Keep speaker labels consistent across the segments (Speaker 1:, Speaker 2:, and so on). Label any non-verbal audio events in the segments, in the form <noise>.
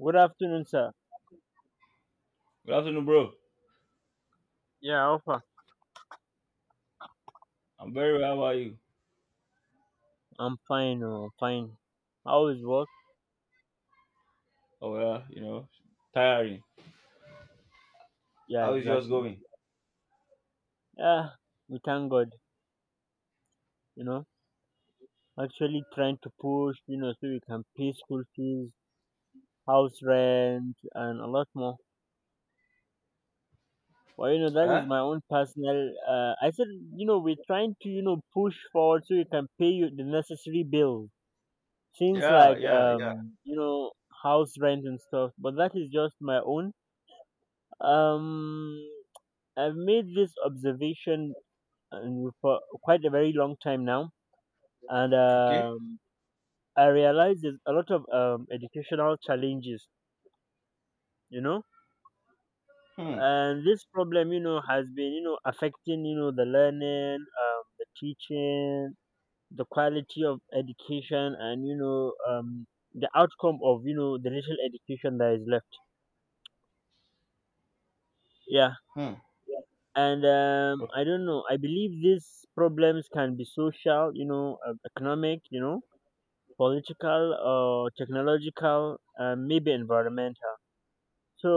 Speaker 1: Good afternoon, sir.
Speaker 2: Good afternoon, bro.
Speaker 1: Yeah, Alpha.
Speaker 2: I'm very well. How are you?
Speaker 1: I'm fine. Oh, I'm fine. How is work?
Speaker 2: Oh yeah, tiring.
Speaker 1: Yeah,
Speaker 2: How is yours
Speaker 1: exactly.
Speaker 2: going?
Speaker 1: Yeah, we thank God. You know, actually trying to push, so we can pay school fees, house rent, and a lot more. Well, you know, that is
Speaker 2: Huh?
Speaker 1: my own personal. I said, you know, we're trying to, push forward so we can pay you the necessary bills, things
Speaker 2: Yeah,
Speaker 1: like,
Speaker 2: yeah, yeah.
Speaker 1: house rent and stuff. But that is just my own. Um, I've made this observation and for quite a very long time now. And
Speaker 2: Okay.
Speaker 1: I realize there's a lot of educational challenges, you know,
Speaker 2: Hmm.
Speaker 1: and this problem, has been, affecting, the learning, the teaching, the quality of education, and, the outcome of, the little education that is left. Yeah.
Speaker 2: Hmm.
Speaker 1: And
Speaker 2: Okay.
Speaker 1: I don't know. I believe these problems can be social, economic, political or technological and maybe environmental, so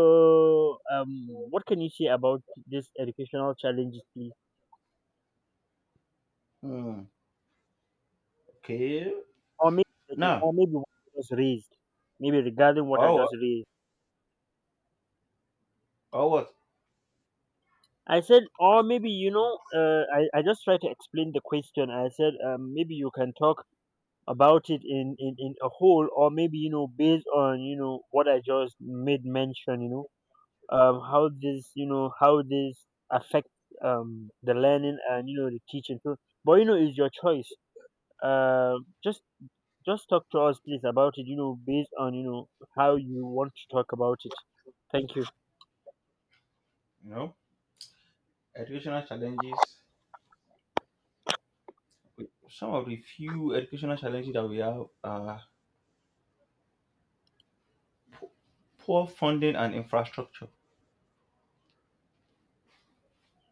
Speaker 1: um what can you say about these educational challenges, please?
Speaker 2: Hmm. Okay.
Speaker 1: Or maybe,
Speaker 2: Now,
Speaker 1: what I just raised? Maybe regarding what I
Speaker 2: or what?
Speaker 1: just raised.
Speaker 2: Or what?
Speaker 1: I said, or maybe, you know, I just tried to explain the question. I said, maybe you can talk about it in a whole, or maybe, you know, based on, you know, what I just made mention, you know, how this, you know, how this affect, the learning and, you know, the teaching. So, but you know, it's your choice. um, just just talk to us, please, about it, you know, based on, you know, how you want to talk about it. Thank you.
Speaker 2: You know, educational challenges. Some of the few educational challenges that we have are poor funding and infrastructure.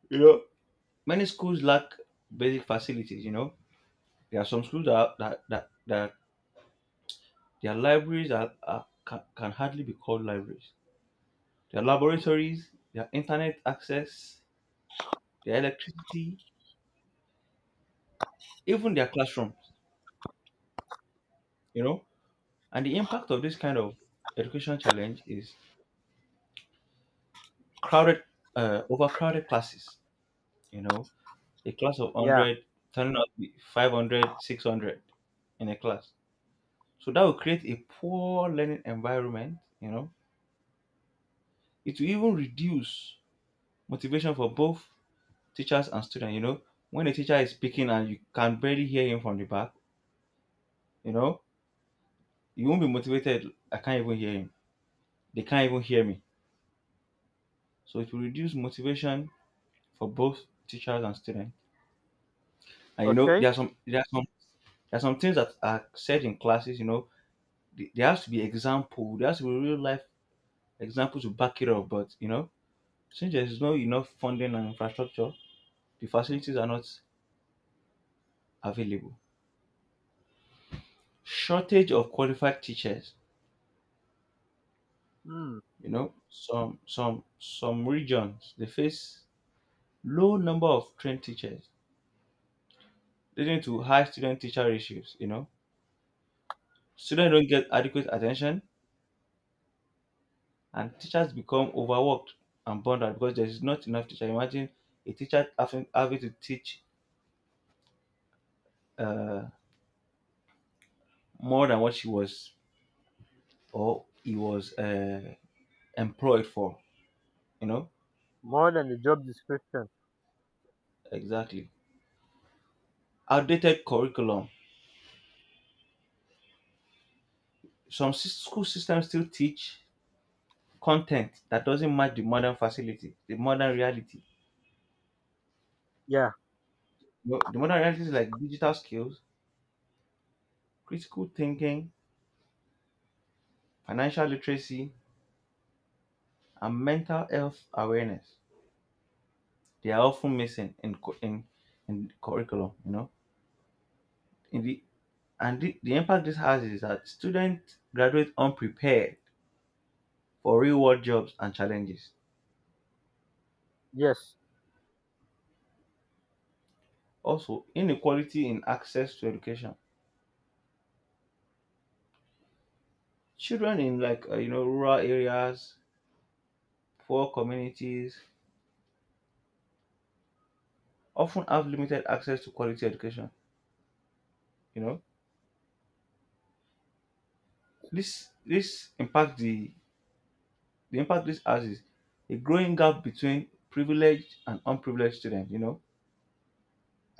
Speaker 2: You know, many schools lack basic facilities. You know, there are some schools that that their libraries can hardly be called libraries. Their laboratories, their internet access, their electricity, even their classrooms, you know. And the impact of this kind of education challenge is crowded, overcrowded classes, you know, a class of
Speaker 1: Yeah.
Speaker 2: 100 turning out to be 500, 600 in a class. So that will create a poor learning environment, you know. It will even reduce motivation for both teachers and students, you know. When a teacher is speaking and you can barely hear him from the back, you know, you won't be motivated. I can't even hear him. They can't even hear me. So it will reduce motivation for both teachers and students. And you know,
Speaker 1: Okay.
Speaker 2: there are some things that are said in classes, you know, there has to be example, there has to be real life examples to back it up. But you know, since there is no enough funding and infrastructure, the facilities are not available. Shortage of qualified teachers,
Speaker 1: Hmm.
Speaker 2: you know, some regions they face low number of trained teachers leading to high student teacher ratios. You know, students don't get adequate attention, and teachers become overworked and burned out because there is not enough teacher. Imagine a teacher having to teach uh, more than what she was or he was employed for. You know,
Speaker 1: More than the job description.
Speaker 2: exactly. Outdated curriculum. Some school systems still teach content that doesn't match the modern facility, the modern reality.
Speaker 1: Yeah.
Speaker 2: You know, the modern reality is like digital skills, critical thinking, financial literacy, and mental health awareness. They are often missing in curriculum, you know. In the and the, the impact this has is that students graduate unprepared for real world jobs and challenges.
Speaker 1: Yes.
Speaker 2: Also, inequality in access to education. Children in like rural areas, poor communities often have limited access to quality education. You know, this impact the impact this has is a growing gap between privileged and unprivileged students. You know,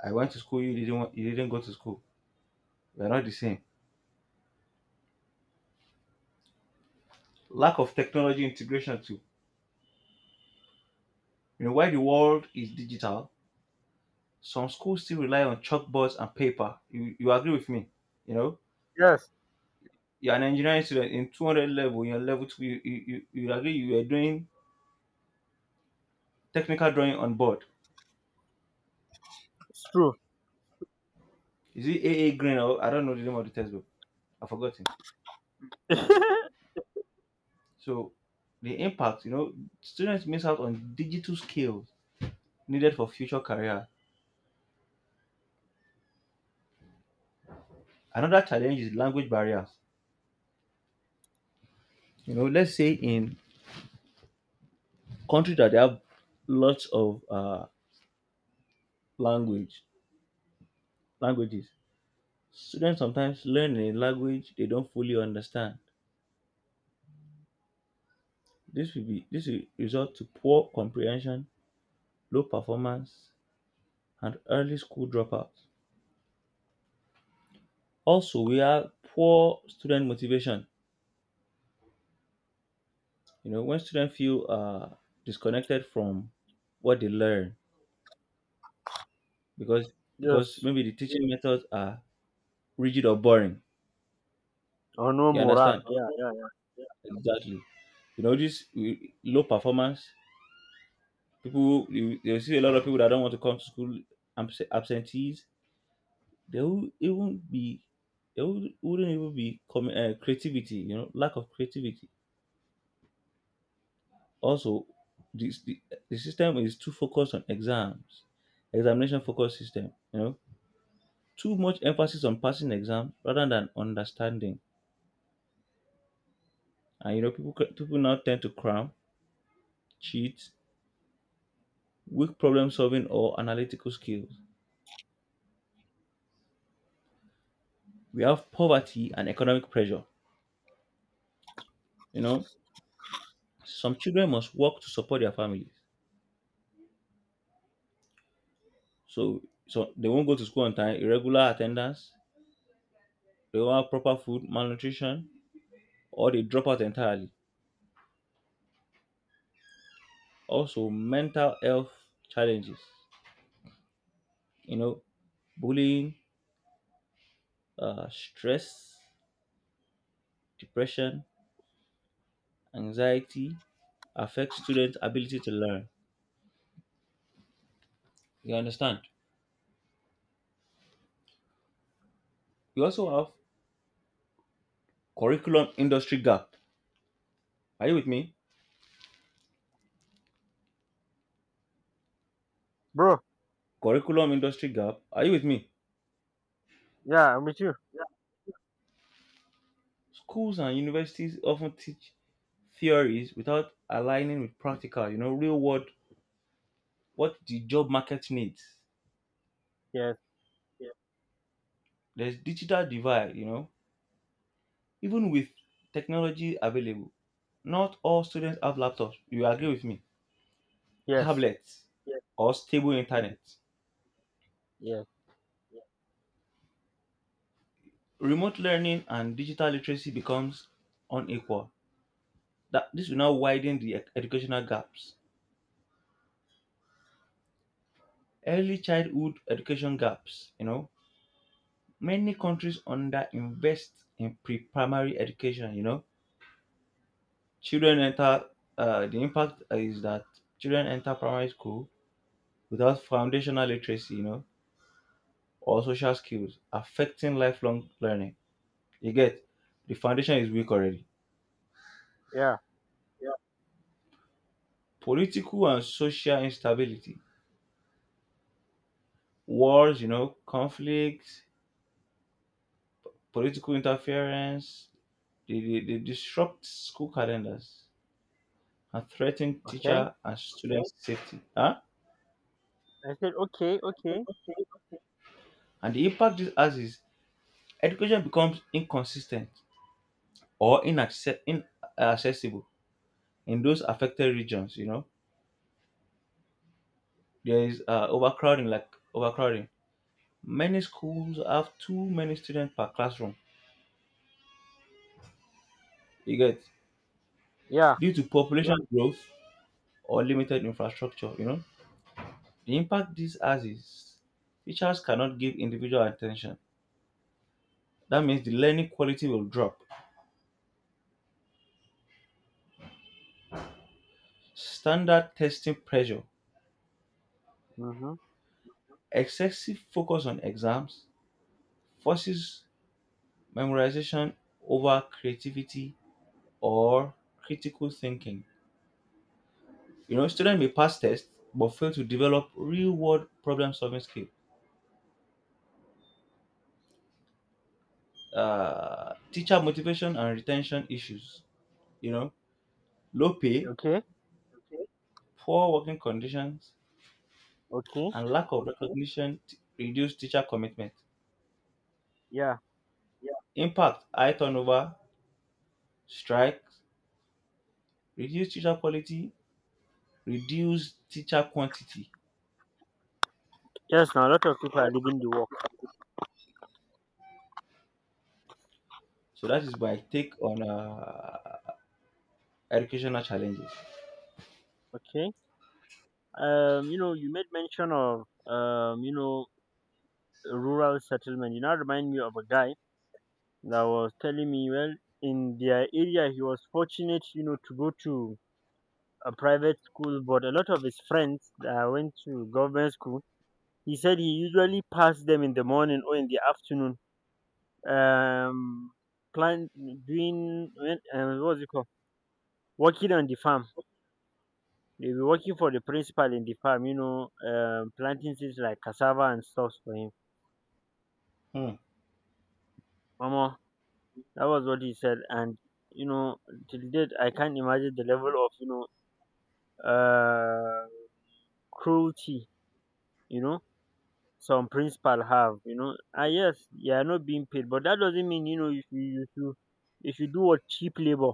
Speaker 2: I went to school, you didn't go to school. We're not the same. Lack of technology integration too. You know, while the world is digital, some schools still rely on chalkboards and paper. You agree with me? You know,
Speaker 1: Yes.
Speaker 2: you're an engineering student in 200 level, you're level two, you agree you are doing technical drawing on board.
Speaker 1: It's true.
Speaker 2: Is it A Green or I don't know the name of the textbook. I've forgotten.
Speaker 1: <laughs> Yes.
Speaker 2: So the impact, you know, students miss out on digital skills needed for future career. Another challenge is language barriers. You know, let's say in country that they have lots of language languages. Students sometimes learn a language they don't fully understand. This will result to poor comprehension, low performance, and early school dropouts. Also, we have poor student motivation. You know, when students feel disconnected from what they learn because maybe the teaching methods are rigid or boring.
Speaker 1: Or no
Speaker 2: You
Speaker 1: morale,
Speaker 2: understand?
Speaker 1: yeah.
Speaker 2: Exactly. You know, this low performance. People, you'll see a lot of people that don't want to come to school, absentees. They will even be, they will, wouldn't even be creativity. You know, lack of creativity. Also, this the, the system is too focused on exams, examination focused system. You know, too much emphasis on passing exam rather than understanding. And you know, people now tend to cram, cheat, weak problem solving or analytical skills. We have poverty and economic pressure. You know, some children must work to support their families. So, so they won't go to school on time, irregular attendance, they won't have proper food, malnutrition, or they drop out entirely. Also, mental health challenges, you know, bullying, stress, depression, anxiety affects students' ability to learn. You understand? We also have curriculum industry gap. Are you with me?
Speaker 1: Bro.
Speaker 2: Curriculum industry gap. Are you with me?
Speaker 1: Yeah, I'm with you.
Speaker 2: Schools and universities often teach theories without aligning with practical, you know, real world, what the job market needs.
Speaker 1: Yes.
Speaker 2: There's digital divide, you know, even with technology available. Not all students have laptops, you agree with me,
Speaker 1: Yes.
Speaker 2: tablets, yeah, or stable internet.
Speaker 1: Yes.
Speaker 2: Remote learning and digital literacy becomes unequal. That this will now widen the educational gaps. Early childhood education gaps, you know, many countries underinvest in pre-primary education. You know, children enter. The impact is that children enter primary school without foundational literacy, you know, or social skills, affecting lifelong learning. You get, the foundation is weak already.
Speaker 1: Yeah.
Speaker 2: Political and social instability, wars, you know, conflicts, political interference. They disrupt school calendars and threaten
Speaker 1: Okay.
Speaker 2: teacher and student safety. Huh?
Speaker 1: I said okay, okay.
Speaker 2: And the impact this has is education becomes inconsistent or inaccessible in those affected regions, you know. There is overcrowding, like overcrowding. Many schools have too many students per classroom, you get,
Speaker 1: Yeah.
Speaker 2: due to population growth or limited infrastructure, you know. The impact this has is teachers cannot give individual attention. That means the learning quality will drop. Standard testing pressure,
Speaker 1: Mhm.
Speaker 2: excessive focus on exams forces memorization over creativity or critical thinking. You know, students may pass tests but fail to develop real world problem solving skills. Teacher motivation and retention issues. You know, low pay,
Speaker 1: Okay.
Speaker 2: poor working conditions,
Speaker 1: Okay.
Speaker 2: and lack of recognition reduce teacher commitment.
Speaker 1: Yeah.
Speaker 2: Impact high turnover, strikes, reduce teacher quality, reduce teacher quantity.
Speaker 1: Yes. Now a lot of people are leaving the work.
Speaker 2: So that is my take on educational challenges.
Speaker 1: Okay. You know, you made mention of You know, rural settlement. You now remind me of a guy that was telling me, well, in their area, he was fortunate, you know, to go to a private school, but a lot of his friends that went to government school, he said he usually passed them in the morning or in the afternoon. Um. Plan doing when, what was it called? Working on the farm. They'll be working for the principal in the farm, you know, planting things like cassava and stuff for him.
Speaker 2: Hmm.
Speaker 1: Mama. That was what he said. And, you know, till date, I can't imagine the level of, you know, uh, cruelty, you know, some principal have, you know. Ah, yes, you are not being paid, but that doesn't mean, you know, you should do what cheap labor.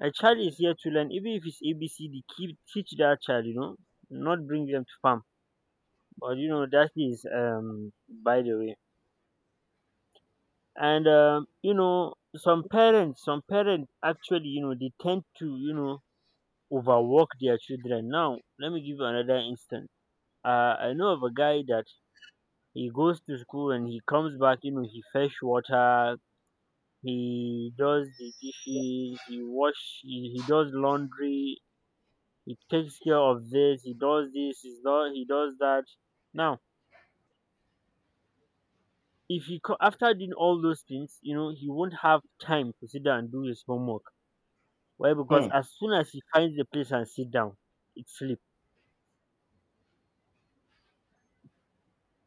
Speaker 1: A child is here to learn, even if it's ABCD, keep, teach that child, you know, not bring them to farm. But, you know, that is, by the way. And you know, some parents actually, you know, they tend to, you know, overwork their children. Now let me give you another instance. I know of a guy that he goes to school and he comes back, you know, he fetch water, he does the dishes, he does laundry, he takes care of this, he does that. Now, if he co- after doing all those things, you know, he won't have time to sit down and do his homework. Why? Because
Speaker 2: Hmm.
Speaker 1: as soon as he finds the place and sit down, it sleep.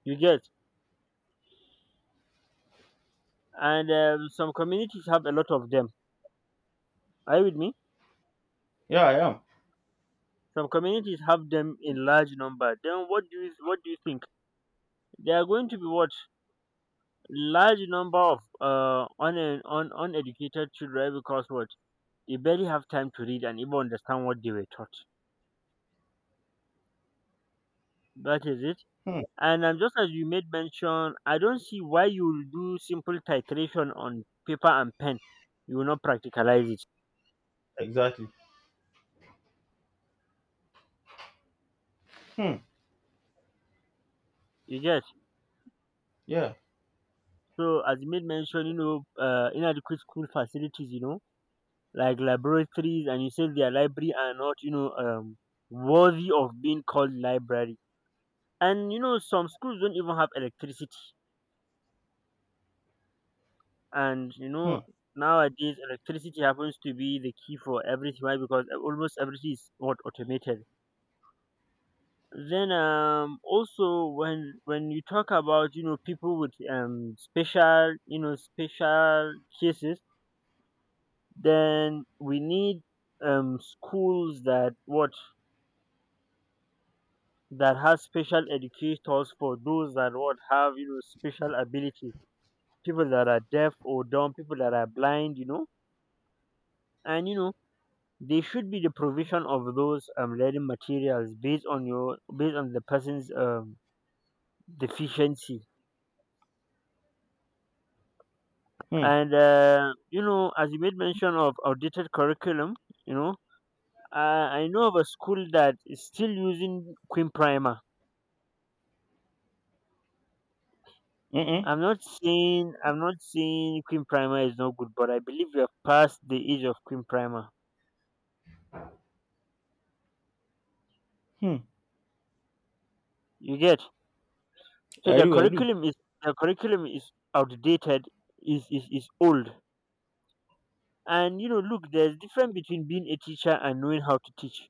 Speaker 1: You get? And some communities have a lot of them. Are you with me?
Speaker 2: Yeah, I am.
Speaker 1: Some communities have them in large number. Then what do you think? They are going to be what? Large number of un, un uneducated children because what? They barely have time to read and even understand what they were taught. That is it.
Speaker 2: Hmm.
Speaker 1: And just as you made mention, I don't see why you will do simple titration on paper and pen. You will not practicalize it.
Speaker 2: Exactly. Hmm.
Speaker 1: You get?
Speaker 2: Yeah.
Speaker 1: So as you made mention, you know, inadequate school facilities, you know, like laboratories, and you said their library are not, you know, worthy of being called library. And you know, some schools don't even have electricity. And you
Speaker 2: Hmm.
Speaker 1: know, nowadays electricity happens to be the key for everything. Why? Because e, almost everything is what automated. Then also, when you talk about, you know, people with special, you know, special cases. Then we need schools that what, that has special educators for those that what have, you know, special ability. People that are deaf or dumb, people that are blind, you know, and you know, there should be the provision of those learning materials based on the person's deficiency.
Speaker 2: Hmm.
Speaker 1: And you know, as you made mention of outdated curriculum, you know, I know of a school that is still using Queen Primer.
Speaker 2: Mm-mm.
Speaker 1: I'm not saying Queen Primer is not good, but I believe we have passed the age of Queen Primer.
Speaker 2: Hmm.
Speaker 1: You get? So
Speaker 2: I
Speaker 1: their
Speaker 2: do. I do.
Speaker 1: curriculum is, outdated, is old. And you know, look, there's difference between being a teacher and knowing how to teach.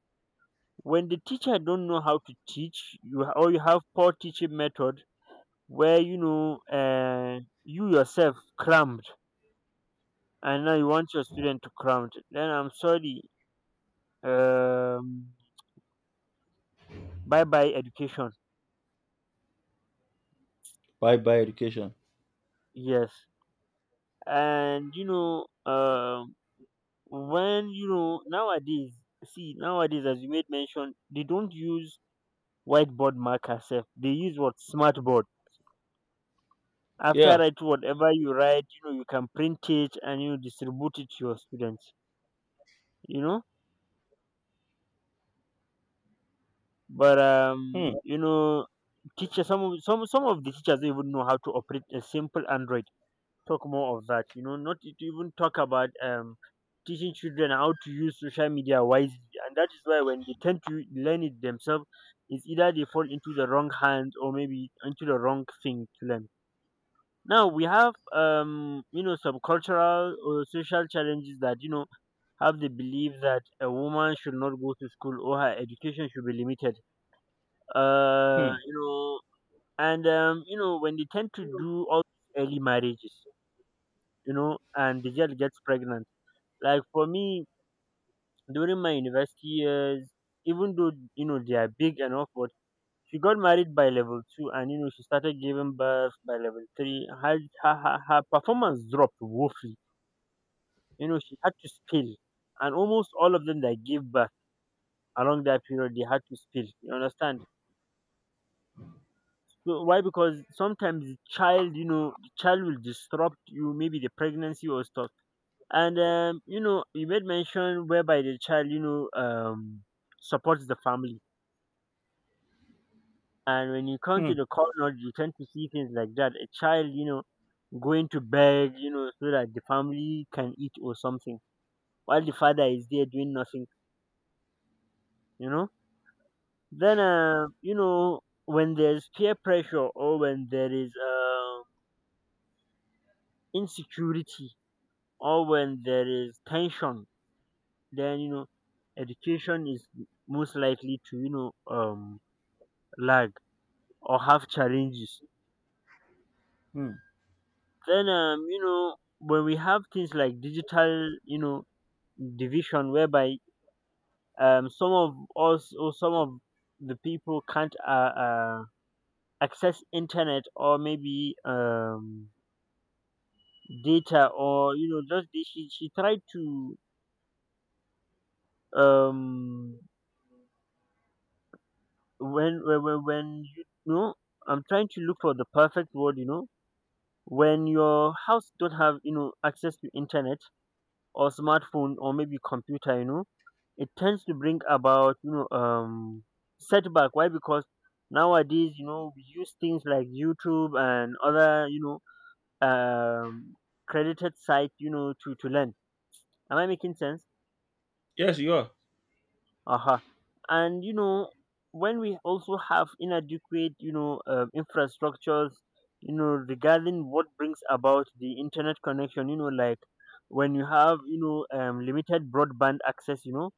Speaker 1: When the teacher don't know how to teach, or you have poor teaching method where, you know, you yourself cramped, and now you want your student to cramped. Then I'm sorry, um, bye bye education.
Speaker 2: Bye bye education.
Speaker 1: Yes, and you know, when you know nowadays, see nowadays as you made mention, they don't use whiteboard marker. Self, they use what smartboard. After
Speaker 2: Yeah.
Speaker 1: write whatever you write, you know you can print it and you distribute it to your students. You know, but
Speaker 2: Hmm.
Speaker 1: you know, teacher, some of the teachers don't even know how to operate a simple Android. Talk more of that. You know, not to even talk about teaching children how to use social media wisely. And that is why when they tend to learn it themselves, it's either they fall into the wrong hands or maybe into the wrong thing to learn. Now we have you know some cultural or social challenges that, you know, have the belief that a woman should not go to school or her education should be limited.
Speaker 2: Hmm.
Speaker 1: You know, and you know, when they tend to do all these early marriages, you know, and the girl gets pregnant. Like for me, during my university years, even though you know they are big and all, but she got married by level two, and you know she started giving birth by level three. Her performance dropped woefully. You know she had to spill, and almost all of them that gave birth along that period they had to spill. You understand? So why? Because sometimes the child, you know, the child will disrupt you, maybe the pregnancy or stuff. And you know, you made mention whereby the child, you know, supports the family. And when you come
Speaker 2: Hmm.
Speaker 1: to the corner, you tend to see things like that. A child, you know, going to beg, you know, so that the family can eat or something, while the father is there doing nothing, you know. Then, you know, when there's peer pressure or when there is insecurity or when there is tension, then you know, education is most likely to lag or have challenges.
Speaker 2: Hmm.
Speaker 1: Then you know, when we have things like digital, you know, division, whereby some of us or some of the people can't uh access internet or maybe data or you know. She tried to, um when you know, I'm trying to look for the perfect word, you know, when your house don't have, you know, access to internet or smartphone or maybe computer, you know, it tends to bring about, you know, setback. Why? Because nowadays, you know, we use things like YouTube and other, know um credited site, you know, to learn. Am I making sense?
Speaker 2: Yes, you are.
Speaker 1: Uh-huh. And you know, when we also have inadequate, infrastructures, you know, regarding what brings about the internet connection, you know, like when you have, limited broadband access, you know,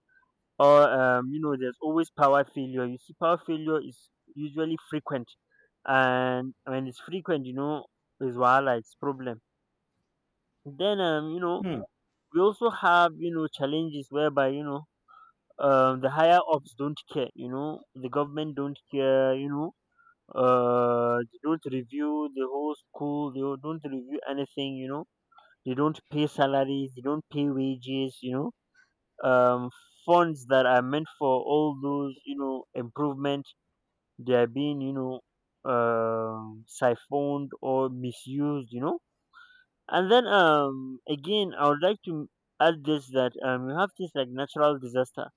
Speaker 1: or you know, there's always power failure. You see, power failure is usually frequent, and when it's frequent, you know, is wahala, it's problem. Then you know,
Speaker 2: Hmm.
Speaker 1: we also have, you know, challenges whereby, you know, the higher ups don't care, you know, the government don't care, you know. They don't review the whole school, they don't review anything, you know, they don't pay salaries, they don't pay wages, you know. um, Funds that are meant for all those, you know, improvement, they are being, you know, siphoned or misused, you know. And then again, I would like to add this, that you have this like natural disaster.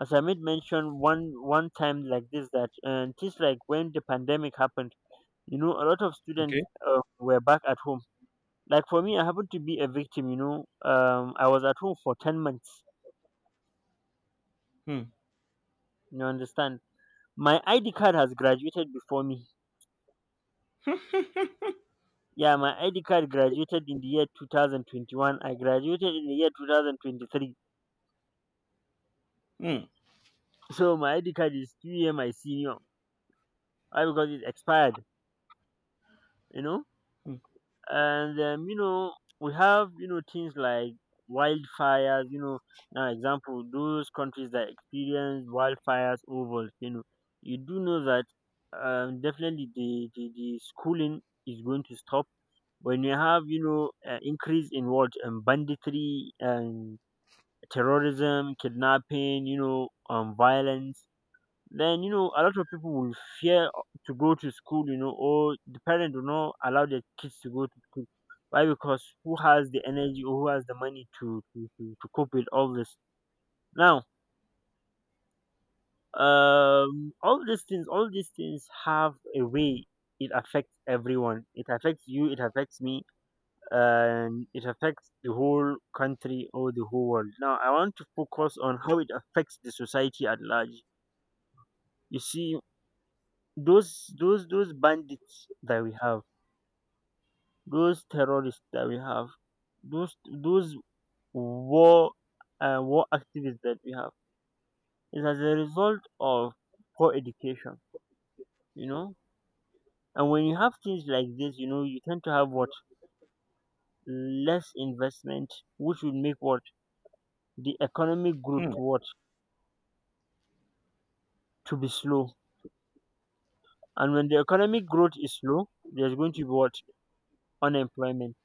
Speaker 1: As I made mention one time, like this, that and just like when the pandemic happened, you know, a lot of students
Speaker 2: Okay.
Speaker 1: were back at home. Like for me, I happened to be a victim, you know. I was at home for 10 months.
Speaker 2: Hmm.
Speaker 1: You understand? My ID card has graduated before me. Yeah, my ID card graduated in the year 2021. I graduated in the year 2023.
Speaker 2: Hmm.
Speaker 1: So my ID card is 2 year my senior. Why? Because it expired, you know?
Speaker 2: Hmm.
Speaker 1: And you know, we have, you know, things like wildfires, you know. Now, example, those countries that experience wildfires or volcano, you do know that, definitely the schooling is going to stop. When you have, you know, increase in what, banditry and terrorism, kidnapping, you know, violence, then you know, a lot of people will fear to go to school, you know, or the parent will not allow their kids to go to school. Why? Because who has the energy, or who has the money to to cope with all this now? All these things, all these things have a way, it affects everyone, it affects you, it affects me, and it affects the whole country or the whole world. Now I want to focus on how it affects the society at large. You see, those bandits that we have, those terrorists that we have, those those war war activists that we have, is as a result of poor education, you know. And when you have things like this, you know, you tend to have what? Less investment, which would make what? The economic growth,
Speaker 2: Hmm.
Speaker 1: what? To be slow. And when the economic growth is slow, there's going to be what? Unemployment.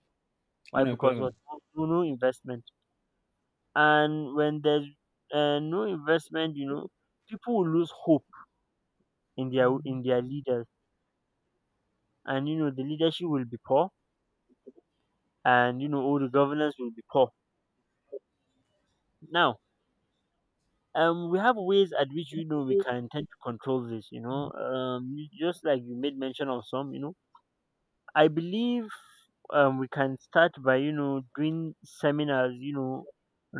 Speaker 1: Why? Because what?
Speaker 2: Unemployment.
Speaker 1: No No investment. And when there's no investment, you know, people will lose hope in their leaders, and you know, the leadership will be poor, and you know, all the governance will be poor. Now, we have ways at which, you know, we can tend to control this, you know. Just like you made mention of some, you know, I believe we can start by, you know, doing seminars, you know,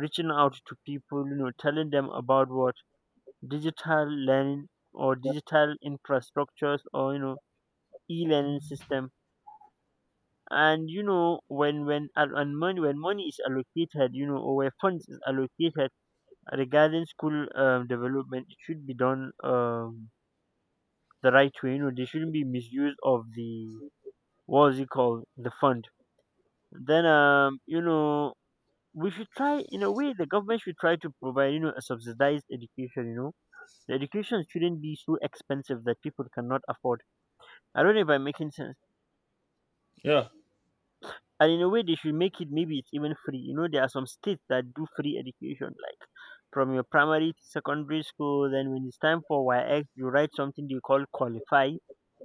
Speaker 1: reaching out to people, you know, telling them about what? Digital learning, or digital infrastructures, or you know, e-learning system. And you know, when and money when money is allocated, you know, or where funds is allocated regarding school, development, it should be done, the right way. You know, there shouldn't be misuse of the, what is it called, the fund. Then you know, we should try, in a way the government should try to provide, you know, a subsidized education. You know, the education shouldn't be so expensive that people cannot afford. I don't know if I'm making sense.
Speaker 2: Yeah.
Speaker 1: And in a way, they should make it, maybe it's even free. You know, there are some states that do free education, like from your primary to secondary school. Then when it's time for yx, you write something they call qualify.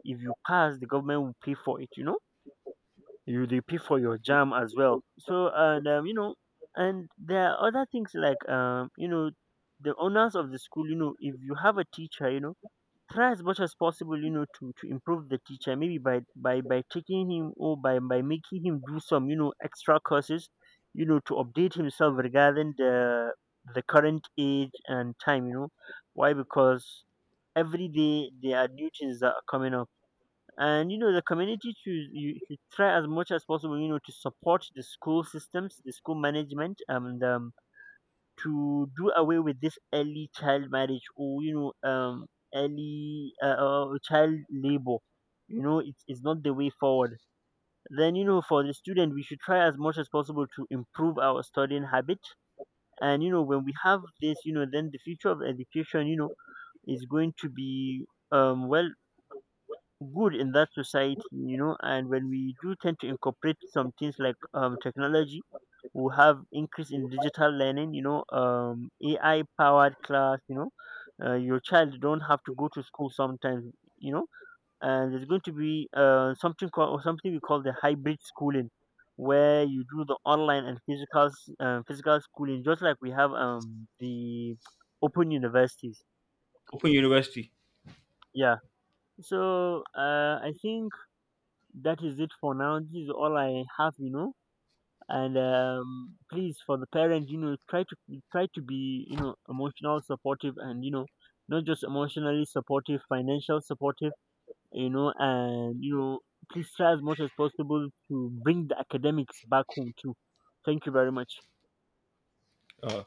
Speaker 1: If you pass, the government will pay for it, you know. You, they pay for your jam as well. So and you know, and there are other things, like you know, the owners of the school, you know, if you have a teacher, you know, try as much as possible, you know, to improve the teacher, maybe by taking him, or by making him do some, you know, extra courses, you know, to update himself regarding the current age and time, you know. Why? Because every day there are new things that are coming up. And you know, the community should, you should try as much as possible, you know, to support the school systems, the school management, and to do away with this early child marriage, or you know, early child labor, you know. It's not the way forward. Then you know, for the student, we should try as much as possible to improve our studying habit. And you know, when we have this, you know, then the future of education, you know, is going to be well, good in that society, you know. And when we do tend to incorporate some things like, technology, we have increase in digital learning, you know, AI powered class, you know. Your child don't have to go to school sometimes, you know, and there's going to be something called, or something we call, the hybrid schooling, where you do the online and physical physical schooling, just like we have the open universities.
Speaker 2: Open university.
Speaker 1: Yeah. So I think that is it for now. This is all I have, you know. And please, for the parent, you know, try to be, you know, emotional supportive, and you know, not just emotionally supportive, financial supportive, you know, and you know, please try as much as possible to bring the academics back home too. Thank you very much.
Speaker 2: Uh,